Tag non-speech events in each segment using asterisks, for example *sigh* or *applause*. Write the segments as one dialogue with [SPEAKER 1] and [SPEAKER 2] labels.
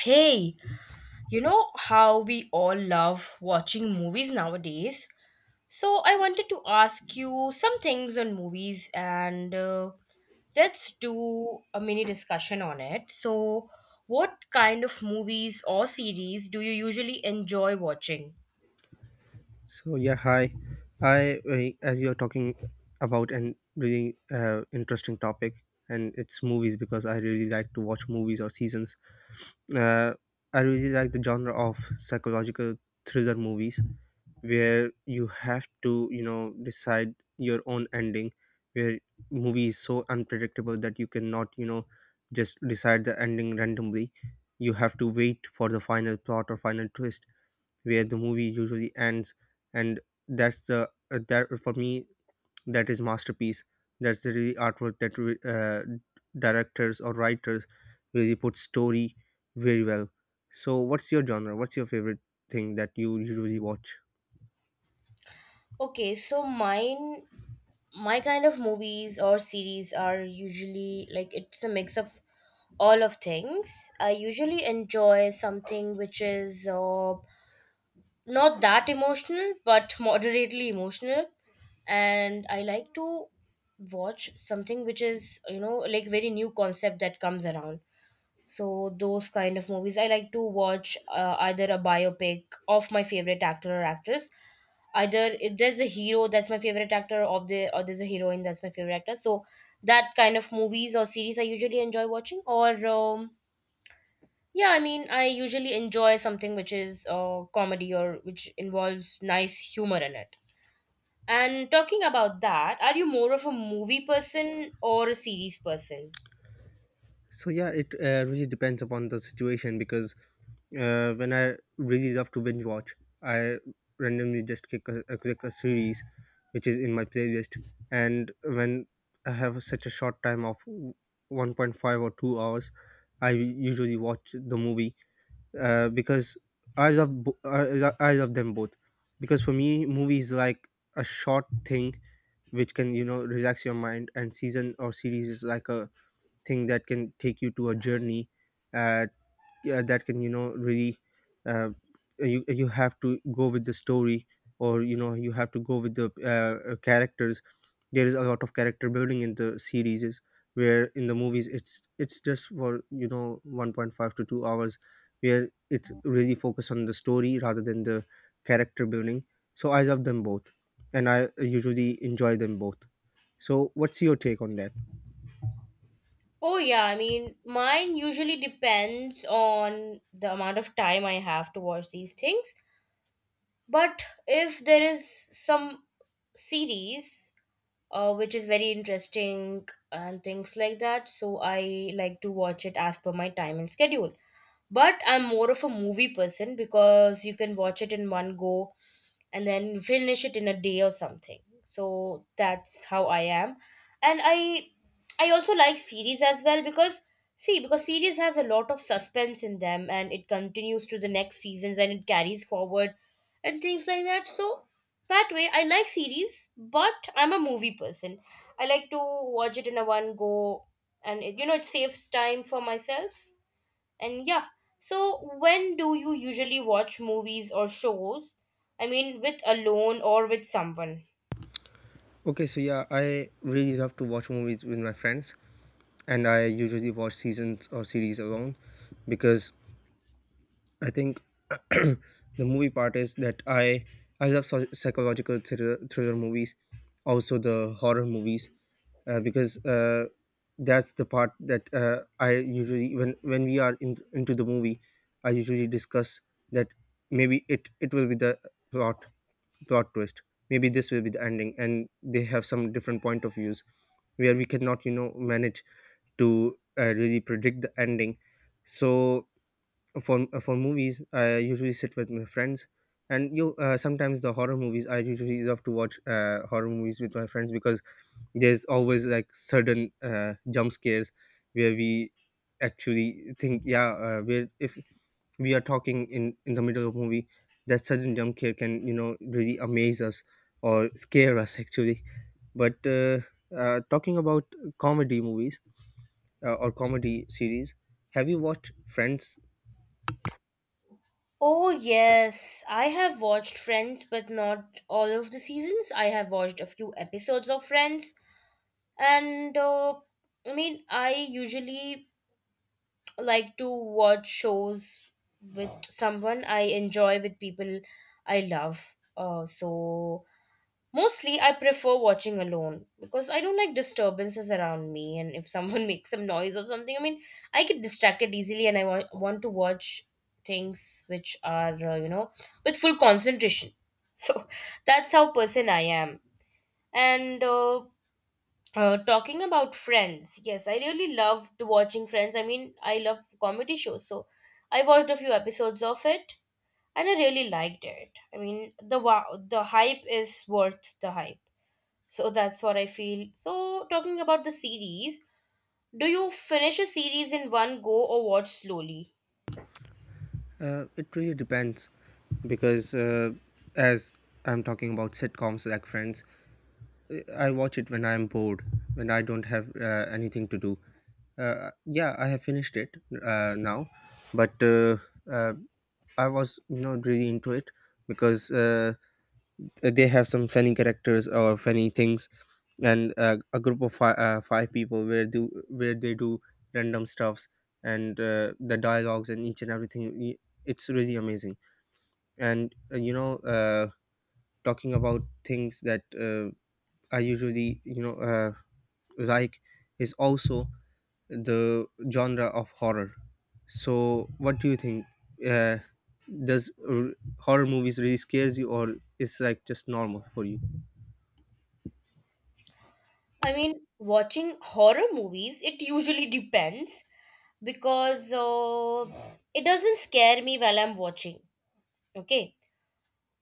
[SPEAKER 1] Hey, you know how we all love watching movies nowadays? So I wanted to ask you some things on movies and let's do a mini discussion on it. So, what kind of movies or series do you usually enjoy watching?
[SPEAKER 2] So yeah, hi. I as you're talking about an really interesting topic, and it's movies because I really like to watch movies or seasons. Uh, I really like the genre of psychological thriller movies, where you have to decide your own ending, where movie is so unpredictable that you cannot just decide the ending randomly. You have to wait for the final plot or final twist where the movie usually ends, and that's the that for me that is masterpiece, that's the really artwork that directors or writers really put story very well. So what's your genre, what's your favorite thing that you usually watch?
[SPEAKER 1] Okay, so mine my kind of movies or series are usually like it's a mix of all of things. I usually enjoy something which is not that emotional but moderately emotional, and I like to watch something which is, you know, like very new concept that comes around. So those kind of movies I like to watch, either a biopic of my favorite actor or actress, either if there's a hero that's my favorite actor or there's a heroine that's my favorite actor. So that kind of movies or series I usually enjoy watching. Or yeah, I mean, I usually enjoy something which is comedy or which involves nice humor in it. And talking about that, are you more of a movie person or a series person?
[SPEAKER 2] So yeah, it really depends upon the situation because when I really love to binge watch, I randomly just click a series which is in my playlist, and when I have such a short time of 1.5 or 2 hours, I usually watch the movie because I love bo- I, lo- I love them both, because for me movie is like a short thing which can relax your mind, and season or series is like a thing that can take you to a journey, uh, yeah, that can really uh, you have to go with the story, or you have to go with the characters. There is a lot of character building in the series is, where in the movies it's just for 1.5 to 2 hours where it's really focused on the story rather than the character building. So I love them both, and I usually enjoy them both. So what's your take on that?
[SPEAKER 1] Oh, yeah, I mean, mine usually depends on the amount of time I have to watch these things. But if there is some series which is very interesting and things like that, so I like to watch it as per my time and schedule. But I'm more of a movie person because you can watch it in one go and then finish it in a day or something. So that's how I am. And I also like series as well because, see, because series has a lot of suspense in them and it continues to the next seasons and it carries forward and things like that. So that way I like series, but I'm a movie person. I like to watch it in a one go, and, it, you know, it saves time for myself. And yeah, so when do you usually watch movies or shows? I mean, with alone or with someone?
[SPEAKER 2] Okay, so yeah, I really love to watch movies with my friends, and I usually watch seasons or series alone because I think *clears throat* the movie part is that I psychological thriller movies, also the horror movies, because that's the part that I usually when we are into the movie, I usually discuss that maybe it will be the plot plot twist. Maybe this will be the ending, and they have some different point of views where we cannot manage to really predict the ending. So for movies I usually sit with my friends, and you sometimes the horror movies I usually love to watch horror movies with my friends because there's always like sudden jump scares where we actually think, yeah, where if we are talking in the middle of movie, that sudden jump scare can really amaze us or scare us actually. But talking about comedy movies or comedy series, have you watched Friends?
[SPEAKER 1] Oh, yes. I have watched Friends, but not all of the seasons. I have watched a few episodes of Friends. And I mean, I usually like to watch shows with someone I enjoy, with people I love. So mostly, I prefer watching alone because I don't like disturbances around me. And if someone *laughs* makes some noise or something, I mean, I get distracted easily and I want to watch things which are, you know, with full concentration. *laughs* So that's how person I am. And talking about Friends, yes, I really loved watching Friends. I mean, I love comedy shows. So I watched a few episodes of it and I really liked it. I mean, the wow, the hype is worth the hype, so that's what I feel. So, talking about the series, do you finish a series in one go or watch slowly?
[SPEAKER 2] It really depends because as I'm talking about sitcoms like Friends, I watch it when I'm bored, when I don't have anything to do. Yeah, I have finished it now, but uh, I was really into it because they have some funny characters or funny things, and a group of five, five people where they do random stuffs, and the dialogues and each and everything. It's really amazing. And talking about things that I usually like is also the genre of horror. So what do you think, uh, does r- horror movies really scares you or is like just normal for you?
[SPEAKER 1] I mean, watching horror movies, it usually depends because it doesn't scare me while I'm watching. Okay.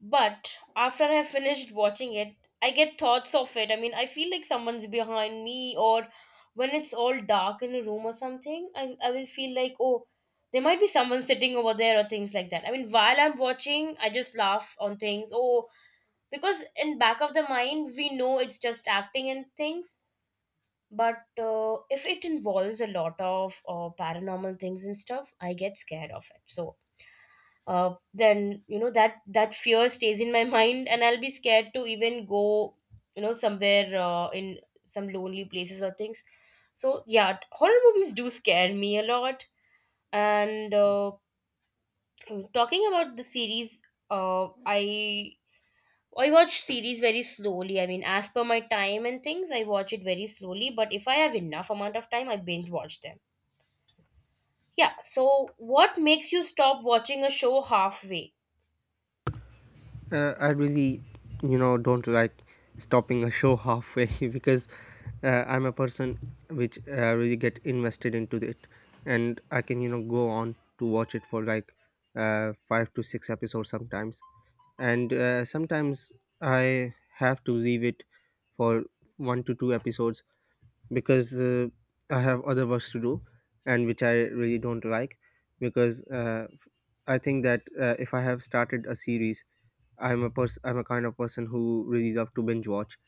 [SPEAKER 1] But after I finished watching it, I get thoughts of it. I mean, I feel like someone's behind me, or when it's all dark in a room or something, I will feel like, oh, there might be someone sitting over there or things like that. I mean, while I'm watching, I just laugh on things. Oh, because in back of the mind, we know it's just acting and things. But if it involves a lot of paranormal things and stuff, I get scared of it. So then, you know, that that fear stays in my *laughs* mind, and I'll be scared to even go, you know, somewhere, in some lonely places or things. So yeah, horror movies do scare me a lot. And talking about the series, uh, i I watch series very slowly. I mean, as per my time and things, I watch it very slowly, but if I have enough amount of time, I binge watch them. Yeah, so what makes you stop watching a show halfway?
[SPEAKER 2] I really, you know, don't like stopping a show halfway *laughs* because I'm a person which really get invested into it, and I can, you know, go on to watch it for like five to six episodes sometimes, and sometimes I have to leave it for one to two episodes because I have other works to do and which I really don't like because I think that if I have started a series, I'm a kind of person who really love to binge watch.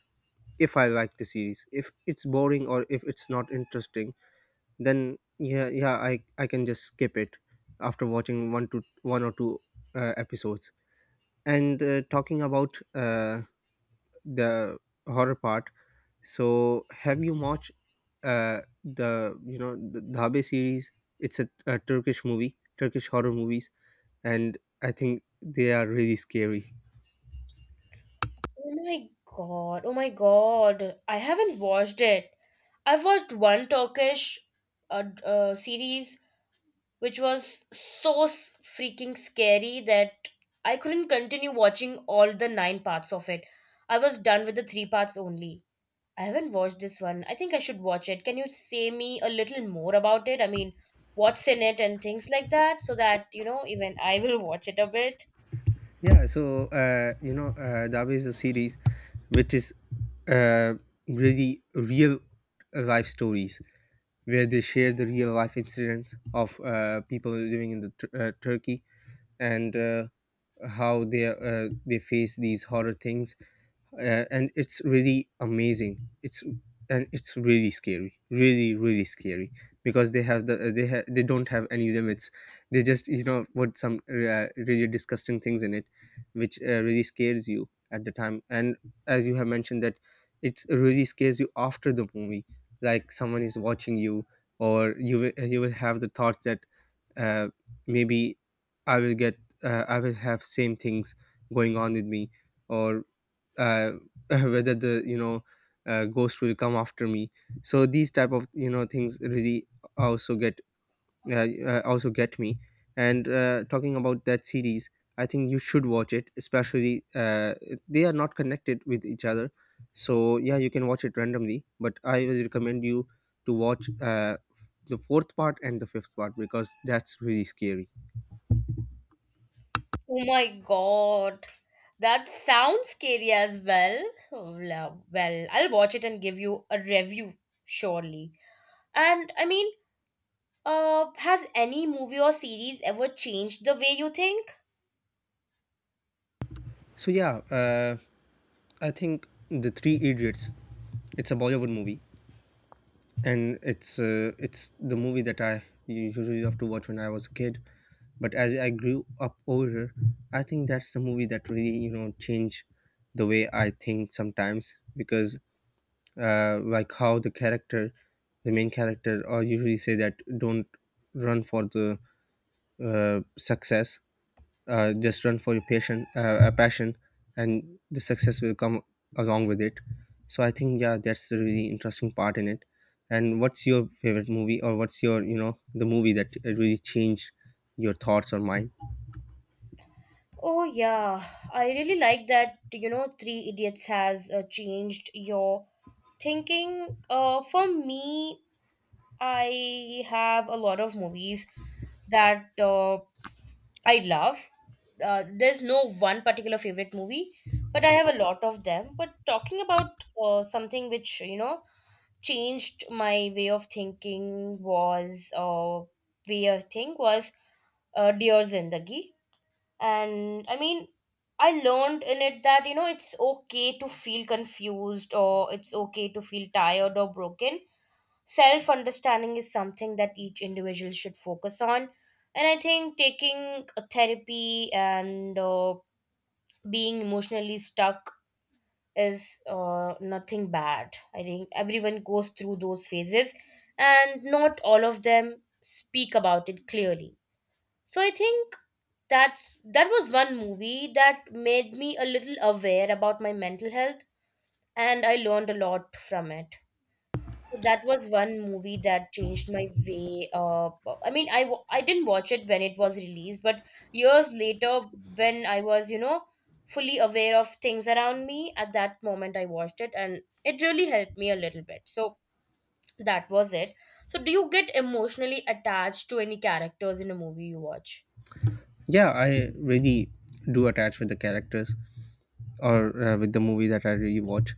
[SPEAKER 2] If I like the series, if it's boring or if it's not interesting, then yeah, yeah, I can just skip it after watching one or two episodes. And talking about the horror part, so have you watched the you know the Dhabe series? It's a Turkish movie, Turkish horror movies, and I think they are really scary.
[SPEAKER 1] Oh my god, oh my god. I haven't watched it. I've watched one Turkish series which was so freaking scary that I couldn't continue watching all the nine parts of it. I was done with the three parts only. I haven't watched this one. I think I should watch it. Can you say me a little more about it? I mean, what's in it and things like that so that, you know, even I will *laughs* watch it a bit.
[SPEAKER 2] Yeah, so Dabe a series which is uh, really real life stories where they share the real life incidents of people living in the Turkey, and how they face these horror things, and it's really amazing. It's And it's really scary, really really scary because they don't have any limits. They just put some really disgusting things in it which really scares you at the time. And as you have mentioned that it really scares you after the movie, like someone is watching you, or you will have the thoughts that uh, maybe I will get, I will have same things going on with me, or uh, *laughs* whether the ghost will come after me. So these type of things really also get uh, also get me. And talking about that series, I think you should watch it. Especially, they are not connected with each other, so yeah, you can watch it randomly. But I will recommend you to watch the fourth part and the fifth part because that's really scary.
[SPEAKER 1] Oh my god. That sounds scary as well. Oh, well, I'll watch it and give you a review, surely. And I mean, has any movie or series ever changed the way you think?
[SPEAKER 2] So yeah, I think the Three Idiots. It's a Bollywood movie, and it's the movie that I usually love to watch when I was a kid. But as I grew up older, I think that's the movie that really changed the way I think sometimes because like how the character, the main character, or usually say that don't run for the success, just run for your passion, a passion, and the success will come along with it. So I think, yeah, that's the really interesting part in it. And what's your favorite movie, or what's your the movie that really changed your thoughts or mind?
[SPEAKER 1] Oh, yeah. I really like that, you know, Three Idiots has changed your thinking. For me, I have a lot of movies that I love. There's no one particular favorite movie, but I have a lot of them. But talking about something which, you know, changed my way of thinking was, way of think was Dear Zindagi. And I mean, I learned in it that, you know, it's okay to feel confused or it's okay to feel tired or broken. Self understanding is something that each individual should focus on, and I think taking a therapy and being emotionally stuck is nothing bad. I think everyone goes through those phases and not all of them speak about it clearly. So I think that was one movie that made me a little aware about my mental health, and I learned a lot from it. So that was one movie that changed my way. I mean, I didn't watch it when it was released, but years later, when I was, you know, fully aware of things around me, at that moment I watched it and it really helped me a little bit. So that was it. So, do you get emotionally attached to any characters in a movie you watch?
[SPEAKER 2] Yeah, I really do attach with the characters or with the movie that I really watch,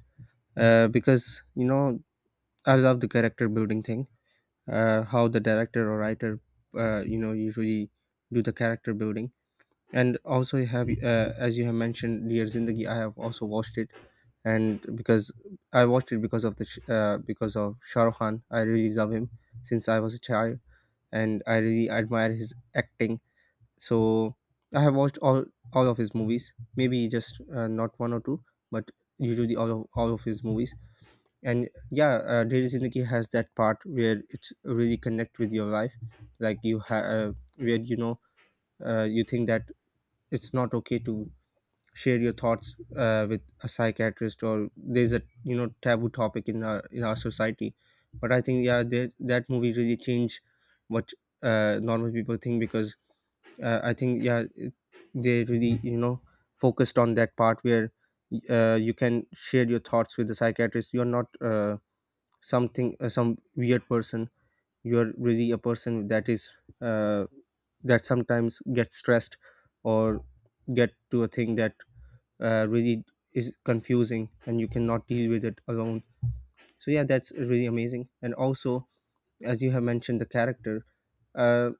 [SPEAKER 2] because you know I love the character building thing, how the director or writer you know usually do the character building. And also you have, as you have mentioned Dear Zindagi, I have also watched it. And because I watched it because of Shah Rukh Khan, I really love him since I was a child, and I really admire his acting. So I have watched all of his movies, maybe just not one or two, but usually all of his movies. And yeah, Dear Zindagi has that part where it's really connect with your life, like you have, where you think that it's not okay to share your thoughts with a psychiatrist, or there's a taboo topic in our society. But I think, yeah, that that movie really changed what normal people think because I think yeah they really focused on that part where you can share your thoughts with the psychiatrist. You're not something, some weird person. You're really a person that is uh, that sometimes gets stressed, or get to a thing that really is confusing and you cannot deal with it alone. So yeah, that's really amazing. And also, as you have mentioned the character, uh,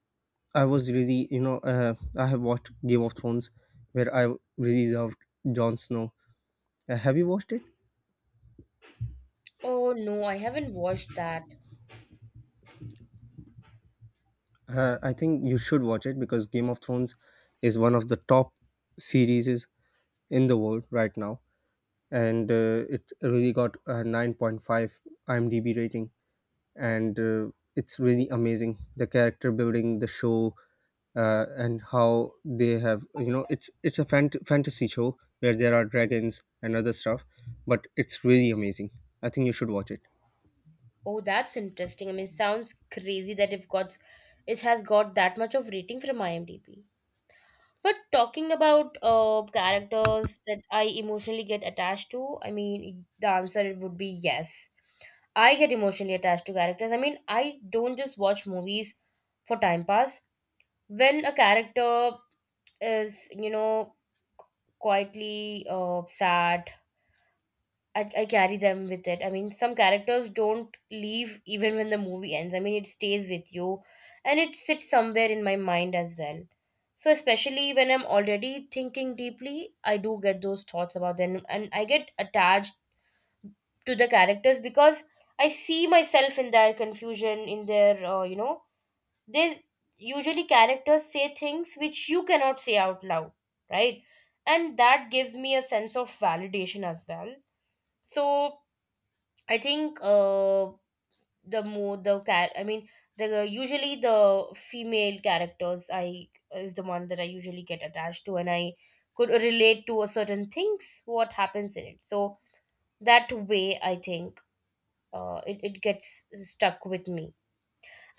[SPEAKER 2] I was really I have watched Game of Thrones where I really loved Jon Snow. Have you watched it?
[SPEAKER 1] Oh no, I haven't watched that.
[SPEAKER 2] I think you should watch it because Game of Thrones is one of the top series in the world right now, and it really got a 9.5 IMDb rating, and it's really amazing, the character building, the show. And how they have, you know, it's a fantasy show where there are dragons and other stuff, but it's really amazing. I think you should watch it.
[SPEAKER 1] Oh, that's interesting. I mean, sounds crazy that it has got that much of rating from IMDb. But talking about characters that I emotionally get attached to, I mean, the answer would be yes. I get emotionally attached to characters. I mean, I don't just watch movies for time pass. When a character is, you know, quietly sad, I carry them with it. I mean, some characters don't leave even when the movie ends. I mean, it stays with you and it sits somewhere in my mind as well. So, especially when I'm already thinking deeply, I do get those thoughts about them and I get attached to the characters because I see myself in their confusion, in their, you know, they usually characters say things which you cannot say out loud, right? And that gives me a sense of validation as well. So, I think the more the cat. I mean, the usually the female characters I is the one that I usually get attached to, and I could relate to a certain things what happens in it. So that way, I think it it gets stuck with me.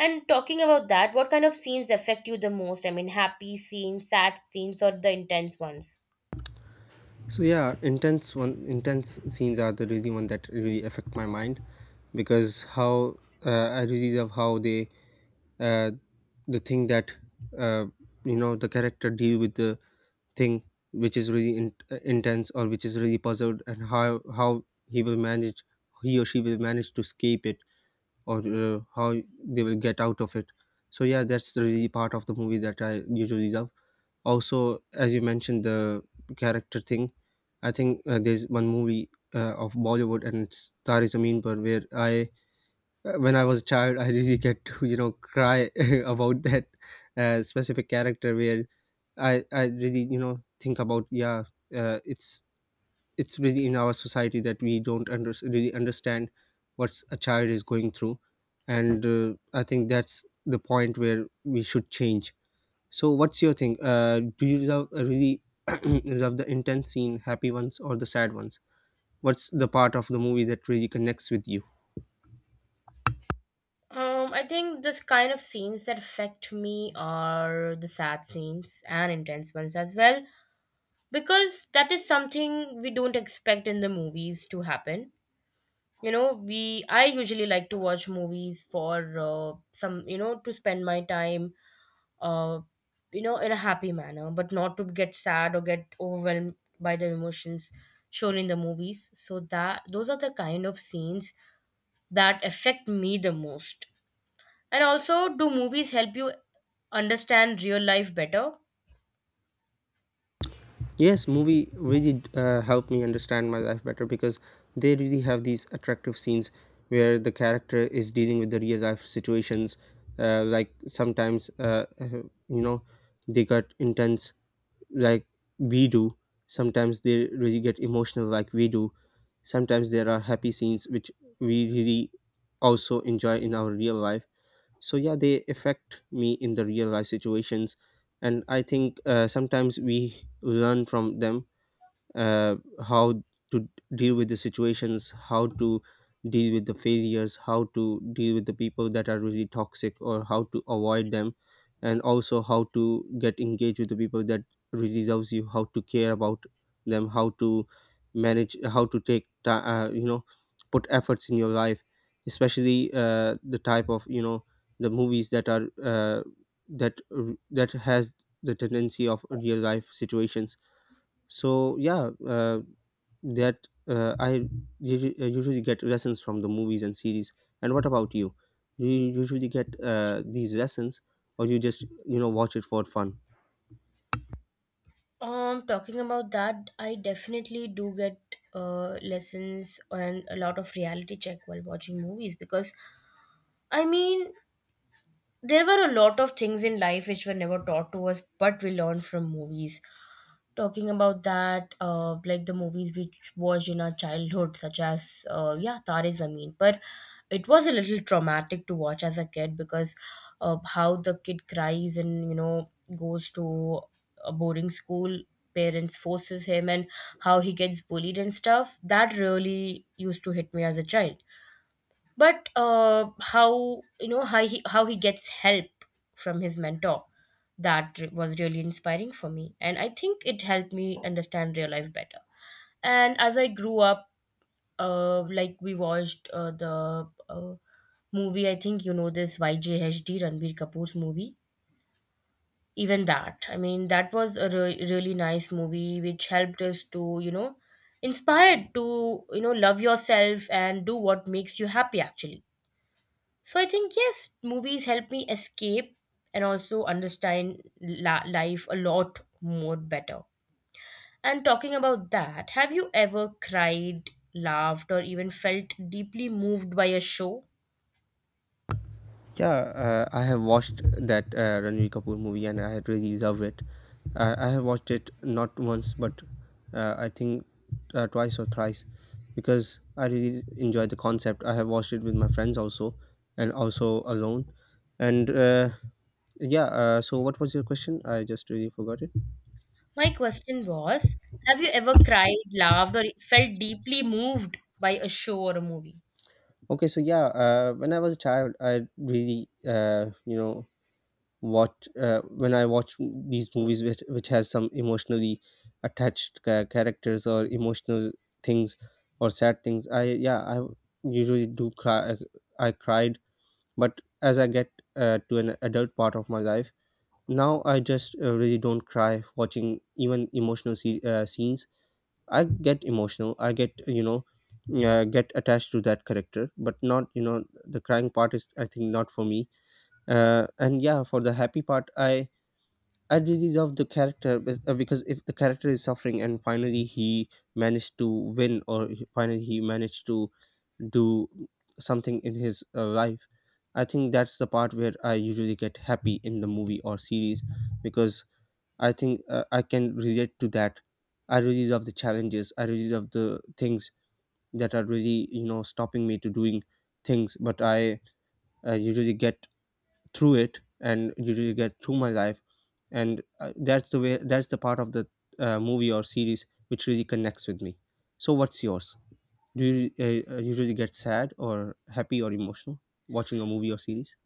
[SPEAKER 1] And talking about that, what kind of scenes affect you the most? I mean, happy scenes, sad scenes, or the intense ones?
[SPEAKER 2] So yeah, intense scenes are the really one that really affect my mind because how I really love how they, uh, the thing that uh, you know the character deal with the thing which is really intense or which is really puzzled, and how he will manage, he or she will manage to escape it, or how they will get out of it. So yeah, that's the really part of the movie that I usually love. Also, as you mentioned the character thing, I think there's one movie of Bollywood and it's Tari Zameen Par where I when I was a child I really *laughs* get to cry *laughs* about that specific character where I really think about yeah. uh, it's it's really in our society that we don't really understand what's a child is going through, and I think that's the point where we should change. So what's your thing? Do you love really *clears throat* love the intense scene, happy ones, or the sad ones? What's the part of the movie that really connects with you?
[SPEAKER 1] I think this kind of scenes that affect me are the sad scenes and intense ones as well, because that is something we don't expect in the movies to happen. You know, we I usually like to watch movies for some, you know, to spend my time uh you know, in a happy manner, but not to get sad or get overwhelmed by the emotions shown in the movies. So that those are the kind of scenes that affect me the most. And also, do movies help you understand real life better?
[SPEAKER 2] Yes, movie really helped me understand my life better because they really have these attractive scenes where the character is dealing with the real life situations. Like sometimes, you know, they got intense like we do. Sometimes they really get emotional like we do. Sometimes there are happy scenes which we really also enjoy in our real life, so yeah, they affect me in the real life situations. And I think sometimes we learn from them, uh, how to deal with the situations, how to deal with the failures, how to deal with the people that are really toxic, or how to avoid them, and also how to get engaged with the people that really loves you, how to care about them, how to manage, how to take, ti you know, put efforts in your life, especially the type of you know the movies that are that that has the tendency of real life situations. So yeah, that I usually get lessons from the movies and series. And what about you? Do you usually get these lessons, or you just watch it for fun?
[SPEAKER 1] Talking about that, I definitely do get lessons and a lot of reality check while watching movies because, I mean, there were a lot of things in life which were never taught to us, but we learned from movies. Talking about that, like the movies we watched in our childhood such as yeah, Tare Zameen, but it was a little traumatic to watch as a kid because of how the kid cries and, you know, goes to a boarding school, parents forces him, and how he gets bullied and stuff, that really used to hit me as a child. But how, you know, how he gets help from his mentor, that was really inspiring for me, and I think it helped me understand real life better. And as I grew up, like, we watched the movie, I think you know this, YJHD, Ranbir Kapoor's movie. Even that, I mean, that was a really nice movie which helped us to inspired to love yourself and do what makes you happy actually. So I think yes, movies help me escape and also understand life a lot more better. And talking about that, have you ever cried, laughed, or even felt deeply moved by a show?
[SPEAKER 2] Yeah, I have watched that Ranveer Kapoor movie and I really loved it. I have watched it not once but I think twice or thrice because I really enjoyed the concept. I have watched it with my friends also and also alone. And yeah, so what was your question? I just really forgot it.
[SPEAKER 1] My question was, have you ever cried, laughed, or felt deeply moved by a show or a movie?
[SPEAKER 2] Okay, so yeah, when I was a child, I really, you know, watch when I watch these movies which has some emotionally attached characters or emotional things or sad things, I yeah, I usually do cry. I cried, but as I get to an adult part of my life, now I just really don't cry watching even emotional scenes. I get emotional, I get get attached to that character, but not you know the crying part is I think not for me. And yeah, for the happy part, I really love the character because if the character is suffering and finally he managed to win, or finally he managed to do something in his life, I think that's the part where I usually get happy in the movie or series because I think I can relate to that. I really love the challenges. I really love the things that are really you know stopping me to doing things, but I usually get through it, and you really get through my life. And that's the way, that's the part of the movie or series which really connects with me. So what's yours? Do you usually get sad or happy or emotional watching a movie or series?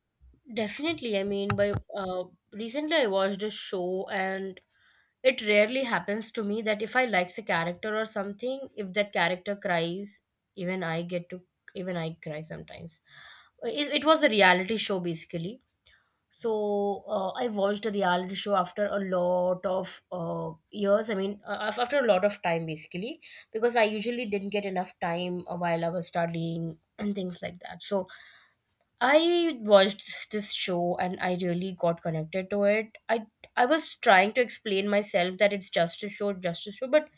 [SPEAKER 1] Definitely. I mean, by recently I watched a show, and it rarely happens to me that if I likes a character or something, if that character cries, even I get to even I cry sometimes. It was a reality show basically. So I watched a reality show after a lot of years. I mean, after a lot of time basically, because I usually didn't get enough time while I was studying and things like that. So I watched this show and I really got connected to it. I was trying to explain myself that it's just a show, but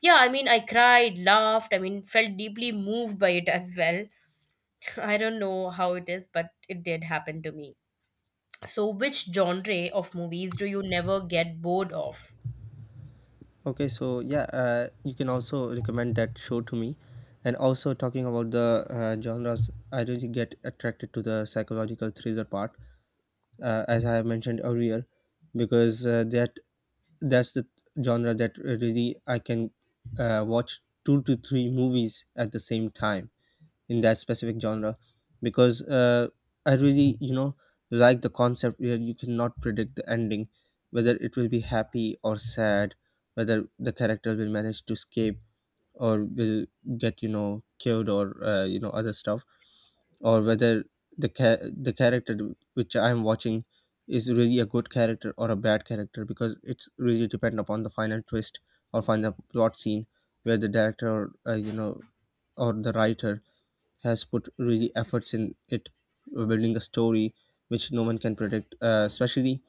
[SPEAKER 1] yeah, I mean, I cried, laughed, I mean, felt deeply moved by it as well. *laughs* I don't know how it is, but it did happen to me. So, which genre of movies do you never get bored of?
[SPEAKER 2] Okay, so yeah, you can also recommend that show to me. And also, talking about the genres, I really get attracted to the psychological thriller part, as I have mentioned earlier, because that's the genre that really I can watch two to three movies at the same time in that specific genre, because I really you know like the concept where you cannot predict the ending, whether it will be happy or sad, whether the character will manage to escape or will get you know killed or you know other stuff, or whether the ca- the character which I'm watching is really a good character or a bad character, because it's really depend upon the final twist or final plot scene where the director or you know or the writer has put really efforts in it, building a story which no one can predict, especially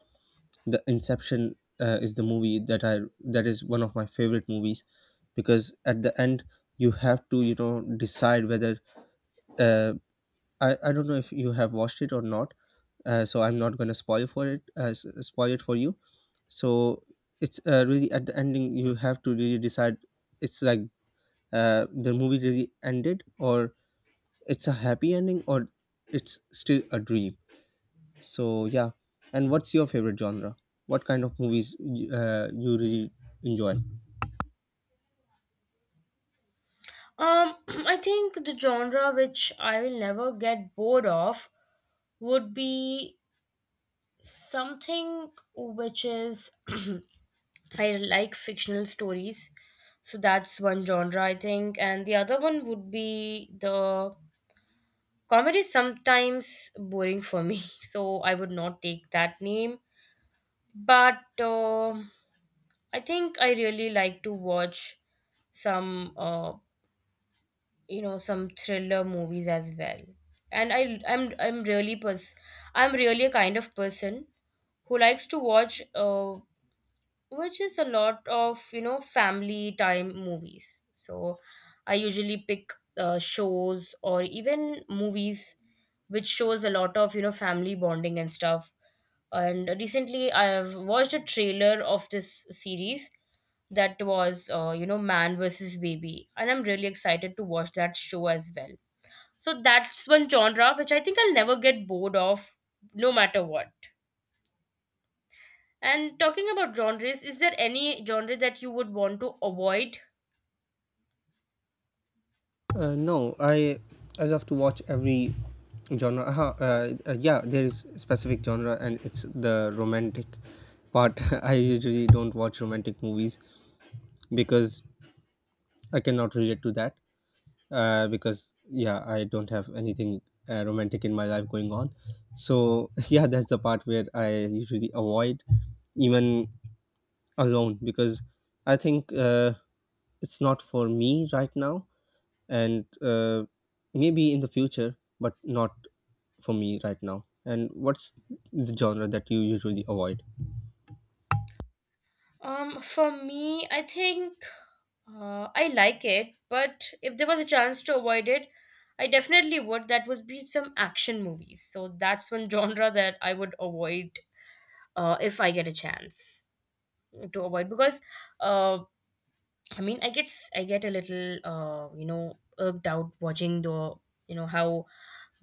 [SPEAKER 2] the Inception is the movie that I that is one of my favorite movies because at the end you have to you know decide whether uh, I don't know if you have watched it or not. So I'm not gonna spoil for it, spoil it for you. So it's really at the ending you have to really decide. It's like the movie really ended, or it's a happy ending, or it's still a dream. So yeah, and what's your favorite genre? What kind of movies you really enjoy?
[SPEAKER 1] *clears throat* I think the genre which I will never get bored of would be something which is *clears throat* I like fictional stories. So that's one genre, I think. And the other one would be the comedy is sometimes boring for me. *laughs* So I would not take that name. But I think I really like to watch some, some thriller movies as well. And I, I'm really pers- I'm really a kind of person who likes to watch which is a lot of family time movies. So I usually pick shows or even movies which shows a lot of family bonding and stuff. And recently I have watched a trailer of this series that was man versus baby, and I'm really excited to watch that show as well. So that's one genre which I think I'll never get bored of, no matter what. And talking about genres, is there any genre that you would want to avoid?
[SPEAKER 2] No, I love to watch every genre. Yeah, there is specific genre, and it's the romantic part. *laughs* I usually don't watch romantic movies because I cannot relate to that. Because yeah, I don't have anything romantic in my life going on. So *laughs* yeah, that's the part where I usually avoid, even alone, because I think it's not for me right now, and maybe in the future, but not for me right now. And what's the genre that you usually avoid?
[SPEAKER 1] For me, I think I like it, but if there was a chance to avoid it, I definitely would. That would be some action movies. So that's one *laughs* genre that I would avoid if I get a chance to avoid, because uh, I mean, I get a little irked out watching the how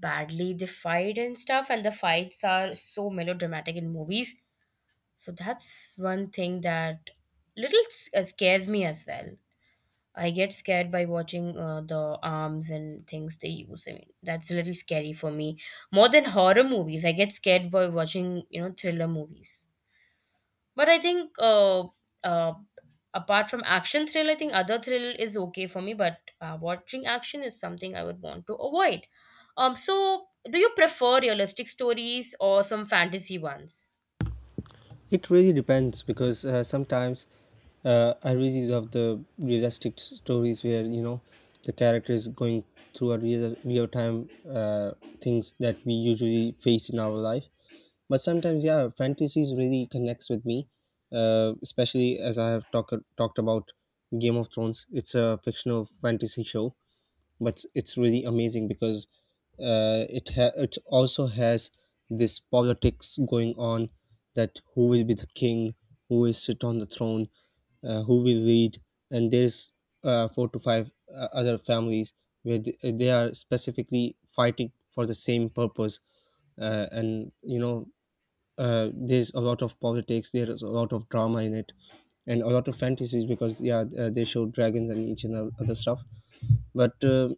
[SPEAKER 1] badly they fight and stuff, and the fights are so melodramatic in movies. So that's one thing that scares me as well. I get scared by watching the arms and things they use. I mean, that's a little scary for me. More than horror movies, I get scared by watching thriller movies. But I think uh, apart from action thrill, I think other thrill is okay for me. But watching action is something I would want to avoid. So do you prefer realistic stories or some fantasy ones?
[SPEAKER 2] It really depends, because sometimes I really love the realistic stories where you know the character is going through a real time things that we usually face in our life, but sometimes yeah fantasies really connects with me, especially as I have talked about Game of Thrones. It's a fictional fantasy show, but it's really amazing because it also has this politics going on, that who will be the king, who will sit on the throne, who will lead, and there's four to five other families where they are specifically fighting for the same purpose, and you know there's a lot of politics, there's a lot of drama in it, and a lot of fantasies, because yeah, they show dragons and each and other stuff. But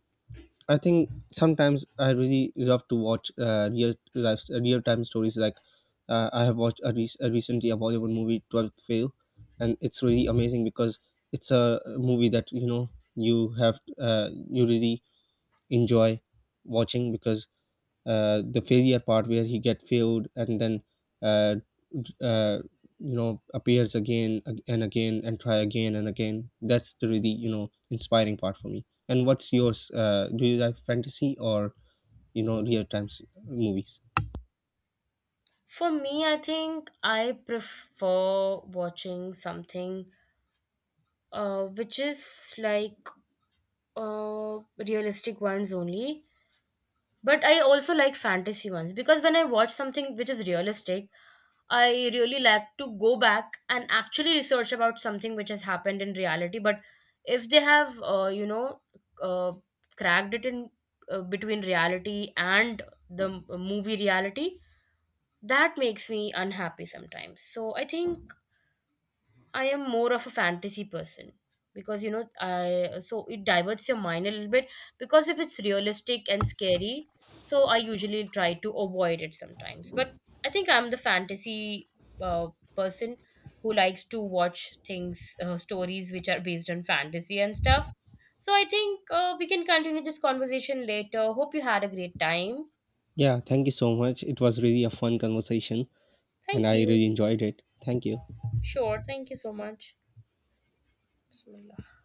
[SPEAKER 2] I think sometimes I really love to watch real life, real time stories. Like I have watched a, rec- a recently a Bollywood movie, 12th Fail, and it's really amazing because it's a movie that you know you have you really enjoy watching because the failure part where he get failed and then uh, uh, you know appears again and again and try again and again. That's the really you know inspiring part for me. And what's yours? Do you like fantasy or you know real time movies?
[SPEAKER 1] For me, I think I prefer watching something which is like uh, realistic ones only. But I also like fantasy ones, because when I watch something which is realistic, I really like to go back and actually research about something which has happened in reality. But if they have, uh, cracked it in between reality and the movie reality, that makes me unhappy sometimes. So I think I am more of a fantasy person, because you know I so it diverts your mind a little bit, because if it's realistic and scary, so I usually try to avoid it sometimes. But I think I'm the fantasy uh, person who likes to watch things stories which are based on fantasy and stuff. So I think we can continue this conversation later. Hope you had a great time.
[SPEAKER 2] Yeah, thank you so much, it was really a fun conversation, and
[SPEAKER 1] Thank
[SPEAKER 2] I
[SPEAKER 1] you.
[SPEAKER 2] really enjoyed it. Thank you.
[SPEAKER 1] Sure. Thank you so much. Bismillah.